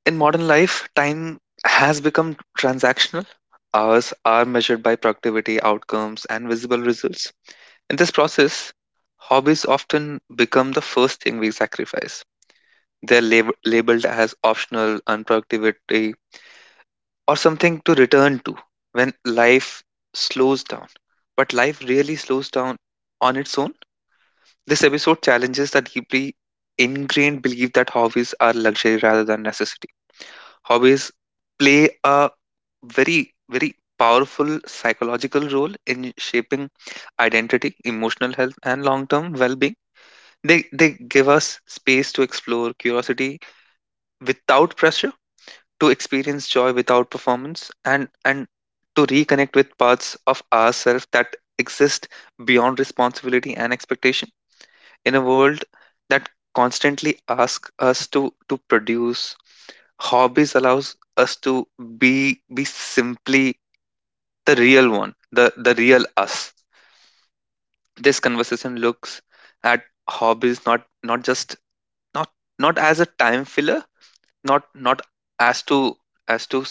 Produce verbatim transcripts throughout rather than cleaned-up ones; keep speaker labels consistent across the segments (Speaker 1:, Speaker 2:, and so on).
Speaker 1: In modern life, time has become transactional. Hours are measured by productivity, outcomes, and visible results. In this process, hobbies often become the first thing we sacrifice. They're lab- labeled as optional, unproductivity, or something to return to when life slows down. But life really slows down on its own. This episode challenges the deeply ingrained belief that hobbies are luxury rather than necessity. Hobbies play a very very powerful psychological role in shaping identity, emotional health, and long term well being. They they give us space to explore curiosity without pressure, to experience joy without performance, and and to reconnect with parts of ourselves that exist beyond responsibility and expectation. In a world that constantly asks us to to produce, hobbies allows us to be be simply the real one, the the real us. This conversation looks at hobbies not not just, not not as a time filler, not not as to as to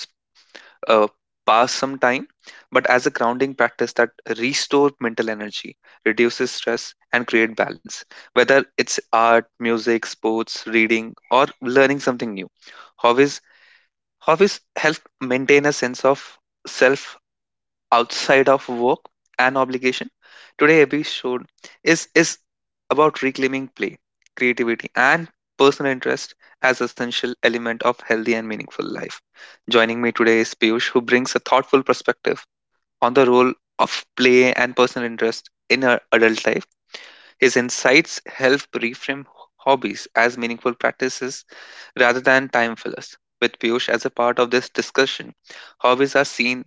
Speaker 1: uh, pass some time, but as a grounding practice that restores mental energy, reduces stress, and create balance. Whether it's art, music, sports, reading, or learning something new, hobbies hobbies help maintain a sense of self outside of work and obligation. Today episode is is about reclaiming play, creativity, and personal interest as essential element of healthy and meaningful life. Joining me today is Piyush, who brings a thoughtful perspective on the role of play and personal interest in our adult life. His insights help reframe hobbies as meaningful practices rather than time fillers. With Piyush as a part of this discussion, hobbies are seen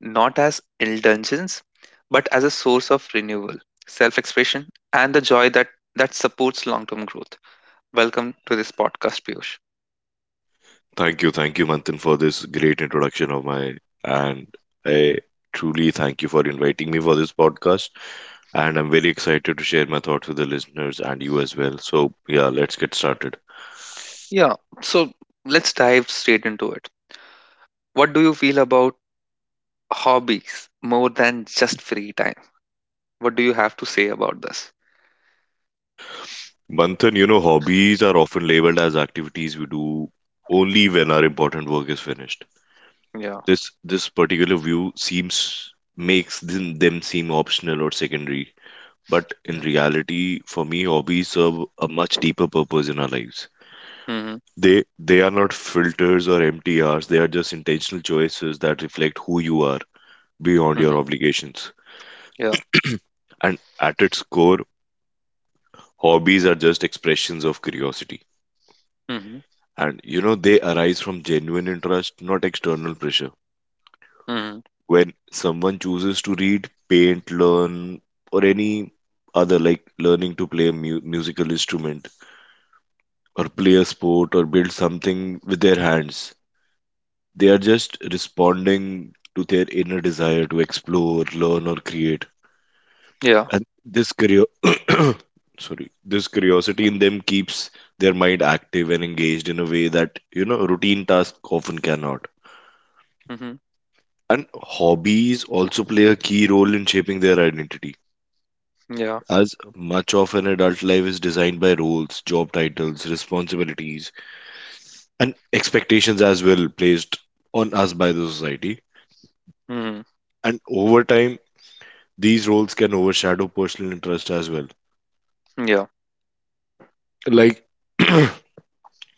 Speaker 1: not as indulgence but as a source of renewal, self expression, and the joy that, that supports long term growth. Welcome to this podcast, Piyush.
Speaker 2: Thank you, thank you, Manthan, for this great introduction of mine. And I truly thank you for inviting me for this podcast. And I'm very excited to share my thoughts with the listeners and you as well. So, yeah, let's get started.
Speaker 1: Yeah, so let's dive straight into it. What do you feel about hobbies more than just free time? What do you have to say about this?
Speaker 2: Manthan, you know, hobbies are often labeled as activities we do only when our important work is finished.
Speaker 1: Yeah.
Speaker 2: This this particular view seems makes them, them seem optional or secondary, but in
Speaker 1: Yeah.
Speaker 2: reality, for me, hobbies serve a much deeper purpose in our lives.
Speaker 1: Mm-hmm.
Speaker 2: They they are not filters or empty hours. They are just intentional choices that reflect who you are beyond your obligations.
Speaker 1: Yeah.
Speaker 2: And at its core, hobbies are just expressions of curiosity.
Speaker 1: Mhm.
Speaker 2: And you know, they arise from genuine interest, not external pressure.
Speaker 1: Mhm.
Speaker 2: When someone chooses to read, paint, learn, or any other like learning to play a mu- musical instrument or play a sport or build something with their hands, they are just responding to their inner desire to explore, learn, or create.
Speaker 1: Yeah.
Speaker 2: And this curio- sorry, this curiosity in them keeps their mind active and engaged in a way that, you know, routine tasks often cannot.
Speaker 1: Mhm.
Speaker 2: And hobbies also play a key role in shaping their identity.
Speaker 1: Yeah.
Speaker 2: As much of an adult life is designed by roles, job titles, responsibilities, and expectations as well placed on us by the society.
Speaker 1: Mhm.
Speaker 2: And over time, these roles can overshadow personal interest as well.
Speaker 1: Yeah.
Speaker 2: Like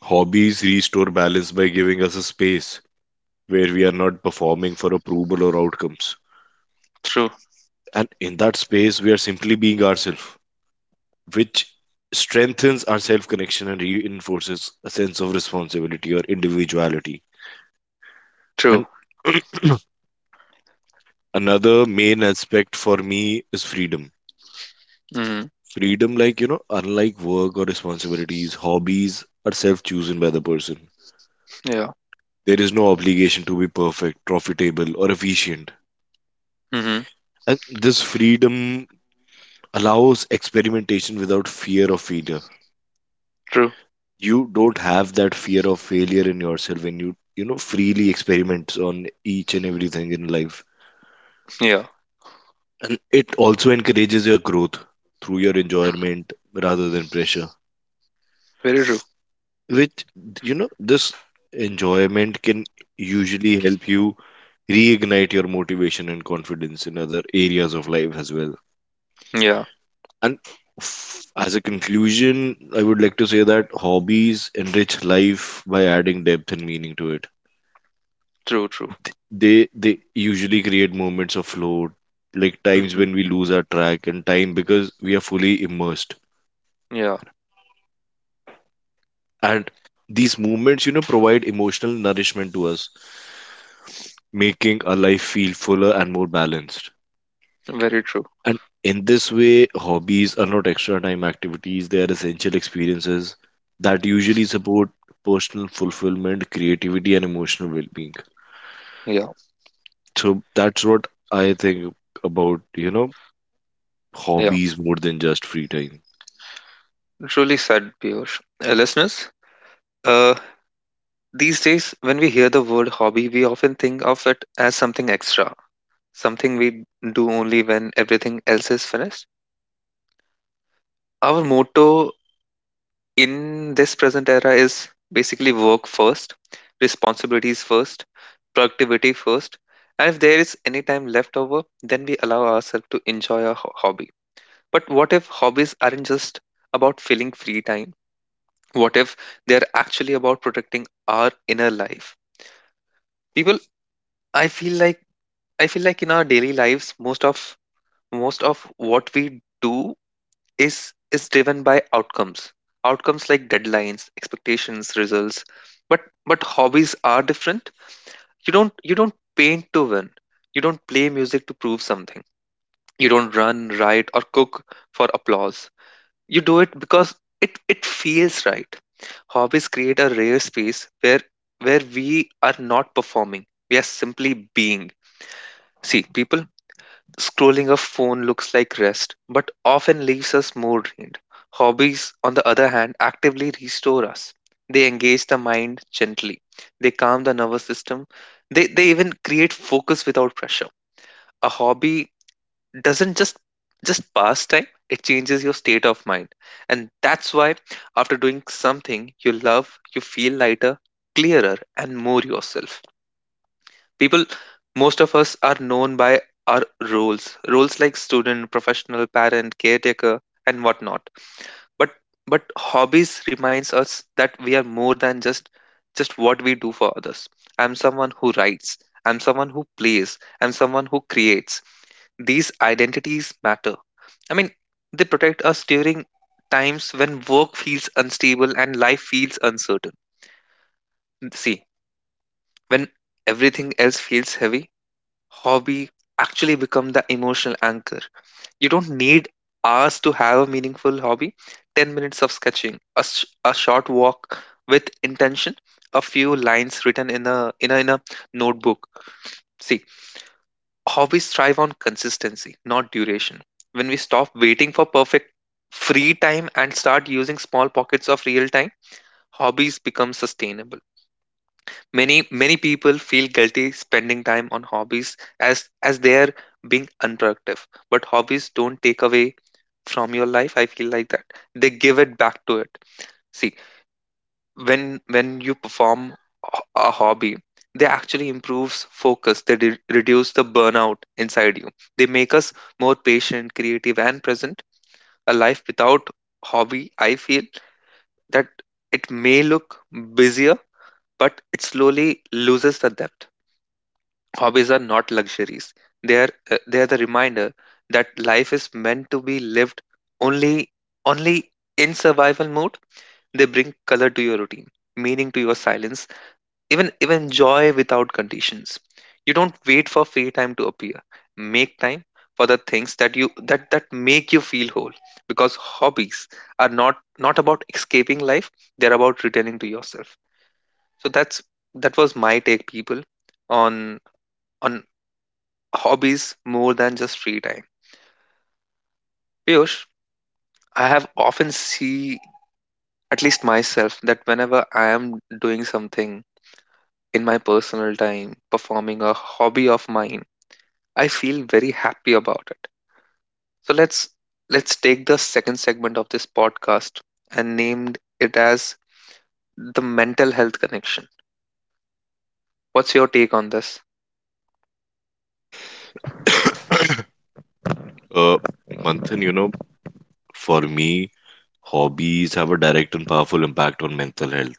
Speaker 2: hobbies restore balance by giving us a space where we are not performing for approval or outcomes.
Speaker 1: True.
Speaker 2: And in that space, we are simply being ourselves, which strengthens our self connection and reinforces a sense of responsibility or individuality. And
Speaker 1: True.
Speaker 2: another main aspect for me is freedom.
Speaker 1: Mhm.
Speaker 2: Freedom, like, you know, unlike work or responsibilities, hobbies are self chosen by the person.
Speaker 1: Yeah.
Speaker 2: There is no obligation to be perfect, profitable, or efficient.
Speaker 1: Mhm.
Speaker 2: And this freedom allows experimentation without fear of failure.
Speaker 1: True.
Speaker 2: You don't have that fear of failure in yourself when you, you know, freely experiment on each and everything in life.
Speaker 1: Yeah.
Speaker 2: And it also encourages your growth through your enjoyment rather than pressure,
Speaker 1: Very true.
Speaker 2: which, you know, this enjoyment can usually help you reignite your motivation and confidence in other areas of life as well.
Speaker 1: Yeah.
Speaker 2: And f- as a conclusion, I would like to say that hobbies enrich life by adding depth and meaning to it.
Speaker 1: True. True.
Speaker 2: They they usually create moments of flow, like times
Speaker 1: Mhm.
Speaker 2: when we lose our track and time because we are fully immersed.
Speaker 1: Yeah.
Speaker 2: And these moments, you know, provide emotional nourishment to us, making our life feel fuller and more balanced.
Speaker 1: Very true.
Speaker 2: And in this way, hobbies are not extra time activities, they are essential experiences that usually support personal fulfillment, creativity, and emotional well being.
Speaker 1: Yeah.
Speaker 2: So that's what I think about, you know,
Speaker 1: Yeah.
Speaker 2: hobbies more than just free time.
Speaker 1: Truly said, Piyush. Uh, listeners, uh, these days when we hear the word hobby, we often think of it as something extra, something we do only when everything else is finished. Our motto in this present era is basically work first, responsibilities first, productivity first. And if there is any time left over, then we allow ourselves to enjoy our ho- hobby. But what if hobbies aren't just about filling free time? What if they're actually about protecting our inner life? People, I feel like I feel like in our daily lives, most of most of what we do is is driven by outcomes, outcomes like deadlines, expectations, results. But but hobbies are different. You don't you don't paint to win, you don't play music to prove something, you don't run, write, or cook for applause. You do it because it it feels right. Hobbies create a rare space where where we are not performing, we are simply being. See people, scrolling a phone looks like rest, but often leaves us more drained. Hobbies, on the other hand, actively restore us. They engage the mind gently, they calm the nervous system, they, they even create focus without pressure. A hobby doesn't just just pass time, it changes your state of mind. And that's why after doing something you love, you feel lighter, clearer, and more yourself. People, most of us are known by our roles, roles like student, professional, parent, caretaker, and whatnot. But but hobbies reminds us that we are more than just just what we do for others. I'm someone who writes, I'm someone who plays, I'm someone who creates. These identities matter, I mean, they protect us during times when work feels unstable and life feels uncertain. See, when everything else feels heavy, hobby actually become the emotional anchor. You don't need hours to have a meaningful hobby. ten minutes of sketching, a, s- a short walk with intention, a few lines written in a, in a in a notebook. See, hobbies thrive on consistency, not duration. When we stop waiting for perfect free time and start using small pockets of real time, hobbies become sustainable. Many many people feel guilty spending time on hobbies as as they are being unproductive. But hobbies don't take away from your life, I feel like that. They give it back to it. See, when when you perform a a hobby, they actually improves focus. They re- reduce the burnout inside you. They make us more patient, creative, and present. A life without hobby, I feel that it may look busier, but it slowly loses the depth. Hobbies are not luxuries. They are uh, they are the reminder that life is meant to be lived only only in survival mode. They bring color to your routine, meaning to your silence, even even joy without conditions. You don't wait for free time to appear. Make time for the things that you that that make you feel whole, because hobbies are not not about escaping life, they're about returning to yourself. So that's that was my take, people, on on hobbies more than just free time. Piyush, I have often see at least myself that whenever I am doing something in my personal time, performing a hobby of mine, I feel very happy about it. So let's let's take the second segment of this podcast and named it as the mental health connection. What's your take on this?
Speaker 2: Uh, Manthan, you know, for me, hobbies have a direct and powerful impact on mental health.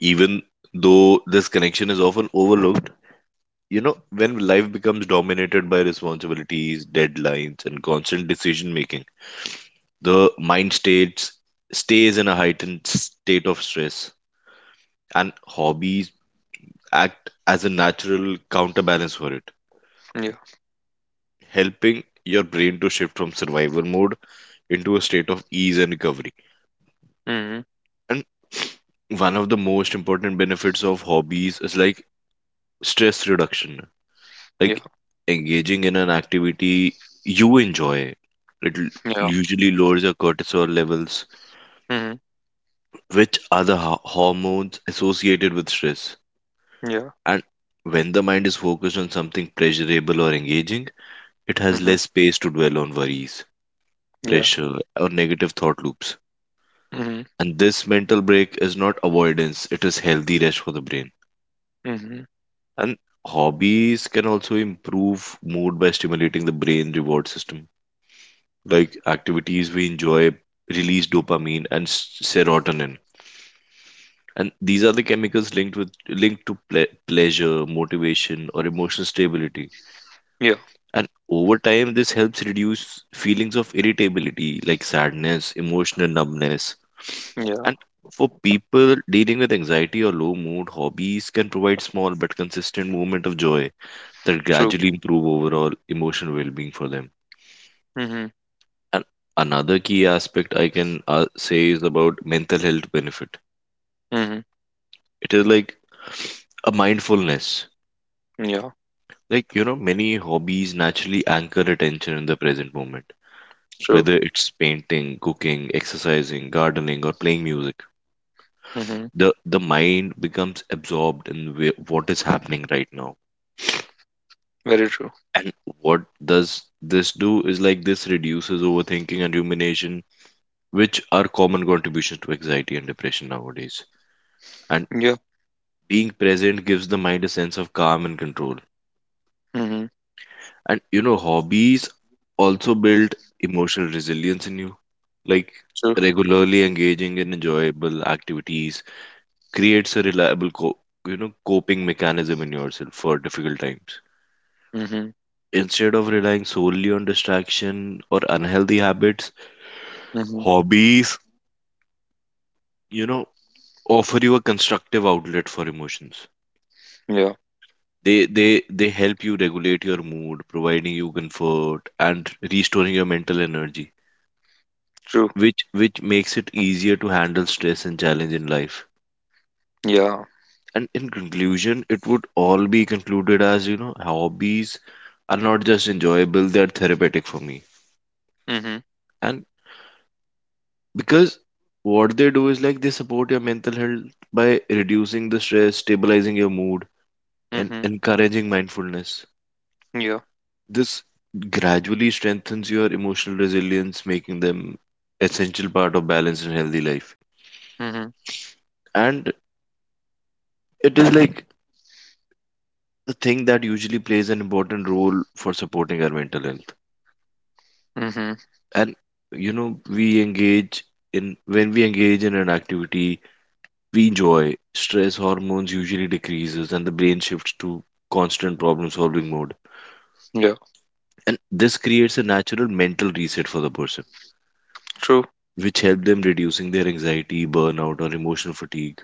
Speaker 2: Even though this connection is often overlooked, you know, when life becomes dominated by responsibilities, deadlines, and constant decision making, the mind states stays in a heightened state of stress, and hobbies act as a natural counterbalance for it,
Speaker 1: Yeah.
Speaker 2: helping your brain to shift from survival mode into a state of ease and recovery.
Speaker 1: Hmm.
Speaker 2: And one of the most important benefits of hobbies is like stress reduction.
Speaker 1: Yeah.
Speaker 2: Like engaging in an activity you enjoy it l-
Speaker 1: Yeah.
Speaker 2: usually lowers your cortisol levels,
Speaker 1: Hmm.
Speaker 2: which are the ho- hormones associated with stress.
Speaker 1: Yeah.
Speaker 2: And when the mind is focused on something pleasurable or engaging, it has
Speaker 1: Hmm.
Speaker 2: less space to dwell on worries,
Speaker 1: Yeah.
Speaker 2: pressure, or negative thought loops.
Speaker 1: Hmm.
Speaker 2: And this mental break is not avoidance, it is healthy rest for the brain.
Speaker 1: Hmm.
Speaker 2: And hobbies can also improve mood by stimulating the brain reward system. Like activities we enjoy release dopamine and s- serotonin. And these are the chemicals linked with linked to ple- pleasure, motivation, or emotional stability.
Speaker 1: Yeah.
Speaker 2: And over time, this helps reduce feelings of irritability like sadness, emotional numbness.
Speaker 1: Yeah.
Speaker 2: And for people dealing with anxiety or low mood, hobbies can provide small but consistent moment of joy that
Speaker 1: True.
Speaker 2: gradually improve overall emotional well-being for them.
Speaker 1: Hmm.
Speaker 2: And another key aspect I can uh, say is about mental health benefit. It is like a mindfulness.
Speaker 1: Yeah,
Speaker 2: Like, you know, many hobbies naturally anchor attention in the present moment,
Speaker 1: true.
Speaker 2: whether it's painting, cooking, exercising, gardening, or playing music.
Speaker 1: Hmm.
Speaker 2: The the mind becomes absorbed in wh- what is happening right now.
Speaker 1: Very true.
Speaker 2: And what does this do is like this reduces overthinking and rumination, which are common contributions to anxiety and depression nowadays. And
Speaker 1: Yeah.
Speaker 2: being present gives the mind a sense of calm and control.
Speaker 1: Hmm.
Speaker 2: And you know, hobbies also build emotional resilience in you. Like
Speaker 1: True.
Speaker 2: regularly engaging in enjoyable activities creates a reliable co- you know coping mechanism in yourself for difficult times,
Speaker 1: Hmm.
Speaker 2: instead of relying solely on distraction or unhealthy habits.
Speaker 1: Hmm.
Speaker 2: Hobbies, you know, offer you a constructive outlet for emotions.
Speaker 1: Yeah.
Speaker 2: They they they help you regulate your mood, providing you comfort and restoring your mental energy,
Speaker 1: True.
Speaker 2: which which makes it easier to handle stress and challenge in life.
Speaker 1: Yeah.
Speaker 2: And in conclusion, it would all be concluded as, you know, hobbies are not just enjoyable, they're therapeutic for me.
Speaker 1: Hmm.
Speaker 2: And because what they do is like they support your mental health by reducing the stress, stabilizing your mood, and
Speaker 1: Hmm.
Speaker 2: encouraging mindfulness.
Speaker 1: Yeah.
Speaker 2: This gradually strengthens your emotional resilience, making them essential part of balanced and healthy life.
Speaker 1: Hmm.
Speaker 2: And it is like the thing that usually plays an important role for supporting our mental health.
Speaker 1: Hmm.
Speaker 2: And you know, we engage in when we engage in an activity we enjoy, stress hormones usually decreases and the brain shifts to constant problem solving mode.
Speaker 1: Yeah.
Speaker 2: And this creates a natural mental reset for the person,
Speaker 1: True.
Speaker 2: which help them reducing their anxiety, burnout, or emotional fatigue.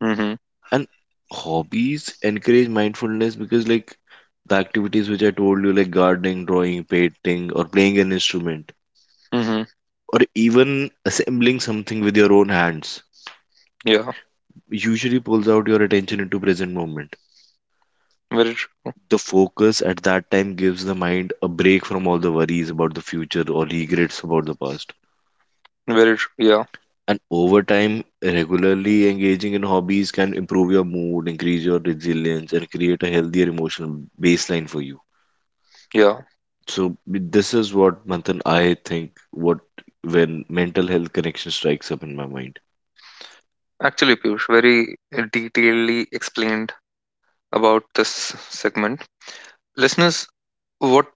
Speaker 1: Hmm.
Speaker 2: And hobbies encourage mindfulness because like the activities which I told you like gardening, drawing, painting, or playing an instrument,
Speaker 1: Hmm.
Speaker 2: or even assembling something with your own hands,
Speaker 1: Yeah.
Speaker 2: usually pulls out your attention into present moment.
Speaker 1: Very true.
Speaker 2: The focus at that time gives the mind a break from all the worries about the future or regrets about the past.
Speaker 1: Very true. Yeah.
Speaker 2: And over time, regularly engaging in hobbies can improve your mood, increase your resilience, and create a healthier emotional baseline for you.
Speaker 1: Yeah.
Speaker 2: So this is what, Manthan, I think what when mental health connection strikes up in my mind.
Speaker 1: Actually, Piyush, very uh, detailedly explained about this segment. Listeners, what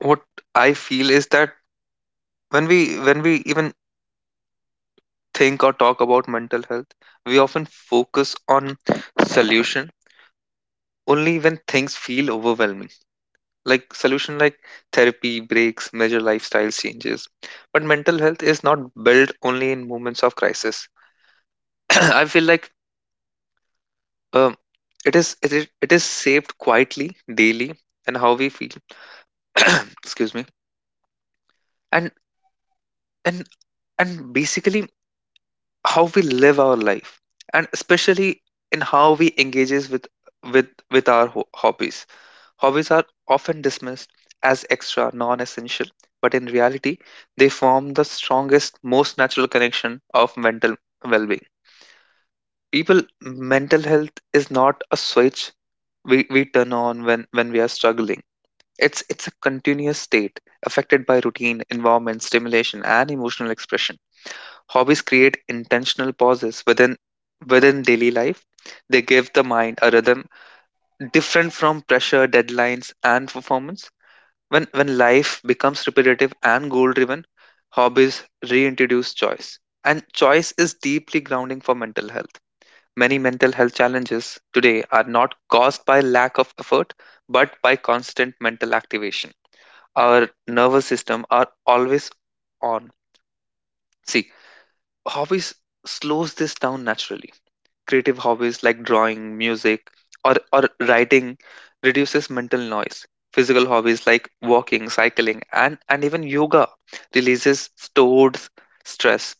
Speaker 1: what I feel is that when we when we even think or talk about mental health, we often focus on solutions only when things feel overwhelming, like solution like therapy breaks, major lifestyle changes. But mental health is not built only in moments of crisis. i feel like um, it is it is it is saved quietly daily, and how we feel excuse me, and and and basically how we live our life, and especially in how we engages with with with our ho- hobbies. Hobbies are often dismissed as extra, non essential, but in reality, they form the strongest, most natural connection of mental well being. People, mental health is not a switch we, we turn on when, when we are struggling. It's, it's a continuous state affected by routine, environment, stimulation, and emotional expression. Hobbies create intentional pauses within, within daily life. They give the mind a rhythm different from pressure, deadlines, and performance. When when life becomes repetitive and goal driven, hobbies reintroduce choice. And choice is deeply grounding for mental health. Many mental health challenges today are not caused by lack of effort, but by constant mental activation. Our nervous system are always on. See, hobbies slows this down naturally. Creative hobbies like drawing, music, or, or writing reduces mental noise. Physical hobbies like walking, cycling, and, and even yoga releases stored stress.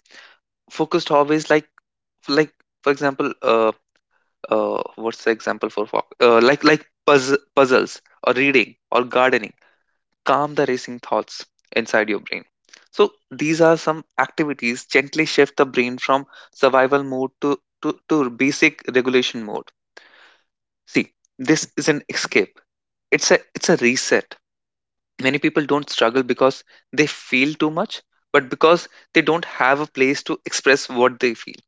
Speaker 1: Focused hobbies like like for example, uh, uh, what's the example for fo- uh, like like puzz- puzzles or reading or gardening calm the racing thoughts inside your brain. So these are some activities gently shift the brain from survival mode to to, to basic regulation mode. See, this is an escape. It's a it's a reset. Many people don't struggle because they feel too much, but because they don't have a place to express what they feel.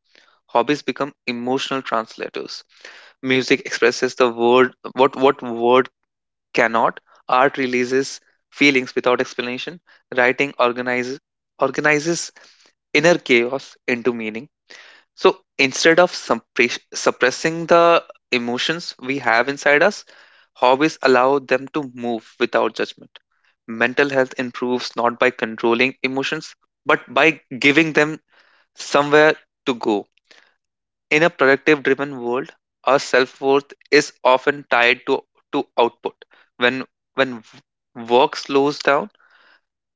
Speaker 1: Hobbies become emotional translators. Music expresses the word what what word cannot. Art releases feelings without explanation. Writing organizes organizes inner chaos into meaning. So instead of suppre- suppressing the emotions we have inside us, hobbies allow them to move without judgment. Mental health improves not by controlling emotions, but by giving them somewhere to go. In a productive driven world, our self worth is often tied to, to output. When, when w- work slows down,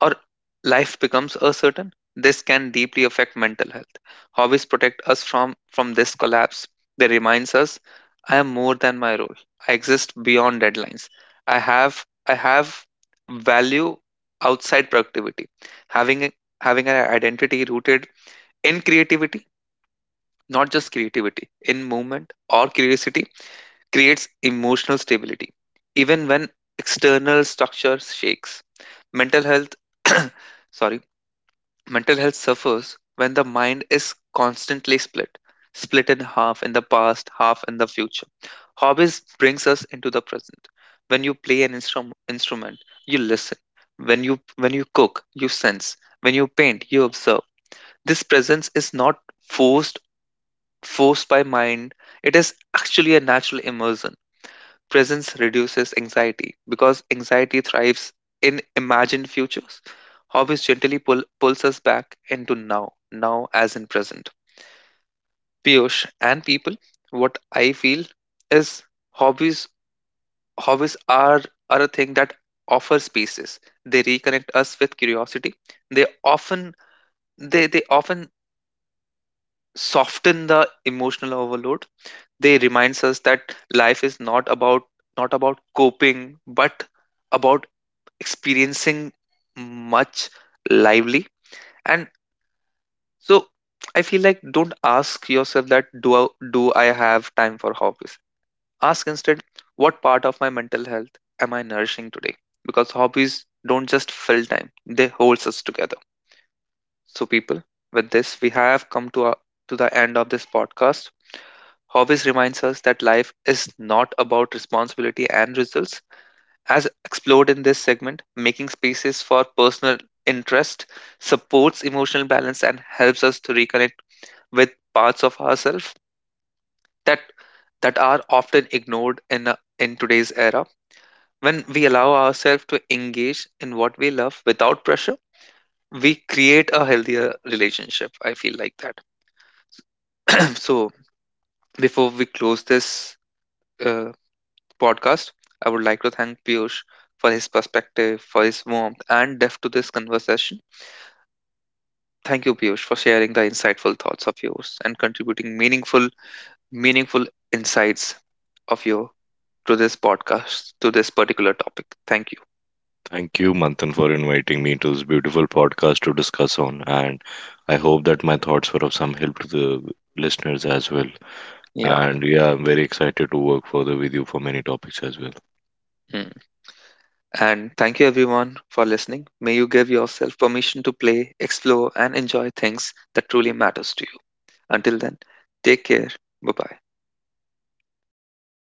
Speaker 1: or life becomes uncertain, this can deeply affect mental health. Hobbies protect us from, from this collapse. They reminds us, I am more than my role. I exist beyond deadlines. I have I have value outside productivity. Having a- Having an identity rooted in creativity, not just creativity, in movement or curiosity creates emotional stability, even when external structure shakes. Mental health sorry. Mental health suffers when the mind is constantly split, split in half in the past, half in the future. Hobbies brings us into the present. When you play an instrum- instrument, you listen. When you when you cook, you sense. When you paint, you observe. This presence is not forced forced by mind. It is actually a natural immersion. Presence reduces anxiety because anxiety thrives in imagined futures. Hobbies gently pull, pulls us back into now, now as in present. Piyush and people, what I feel is hobbies hobbies are, are a thing that offer spaces. They reconnect us with curiosity. They often they, they often soften the emotional overload. They reminds us that life is not about not about coping but about experiencing much lively. And so I feel like don't ask yourself that, do I, do I have time for hobbies? Ask instead, what part of my mental health am I nourishing today? Because hobbies don't just fill time, they holds us together. So people, with this we have come to our, to the end of this podcast. Hobbies reminds us that life is not about responsibility and results. As explored in this segment, making spaces for personal interest supports emotional balance and helps us to reconnect with parts of ourselves that that are often ignored in a, in today's era. When we allow ourselves to engage in what we love without pressure, we create a healthier relationship, I feel like that. So before we close this uh, podcast, I would like to thank Piyush for his perspective, for his warmth and depth to this conversation. Thank you, Piyush, for sharing the insightful thoughts of yours and contributing meaningful, meaningful insights of you to this podcast, to this particular topic. Thank you.
Speaker 2: Thank you, Manthan, for inviting me to this beautiful podcast to discuss on. And I hope that my thoughts were of some help to the listeners as well.
Speaker 1: Yeah.
Speaker 2: And yeah, I'm very excited to work further with you for many topics as well.
Speaker 1: Mm. And thank you, everyone, for listening. May you give yourself permission to play, explore, and enjoy things that truly matters to you. Until then, take care. Bye bye.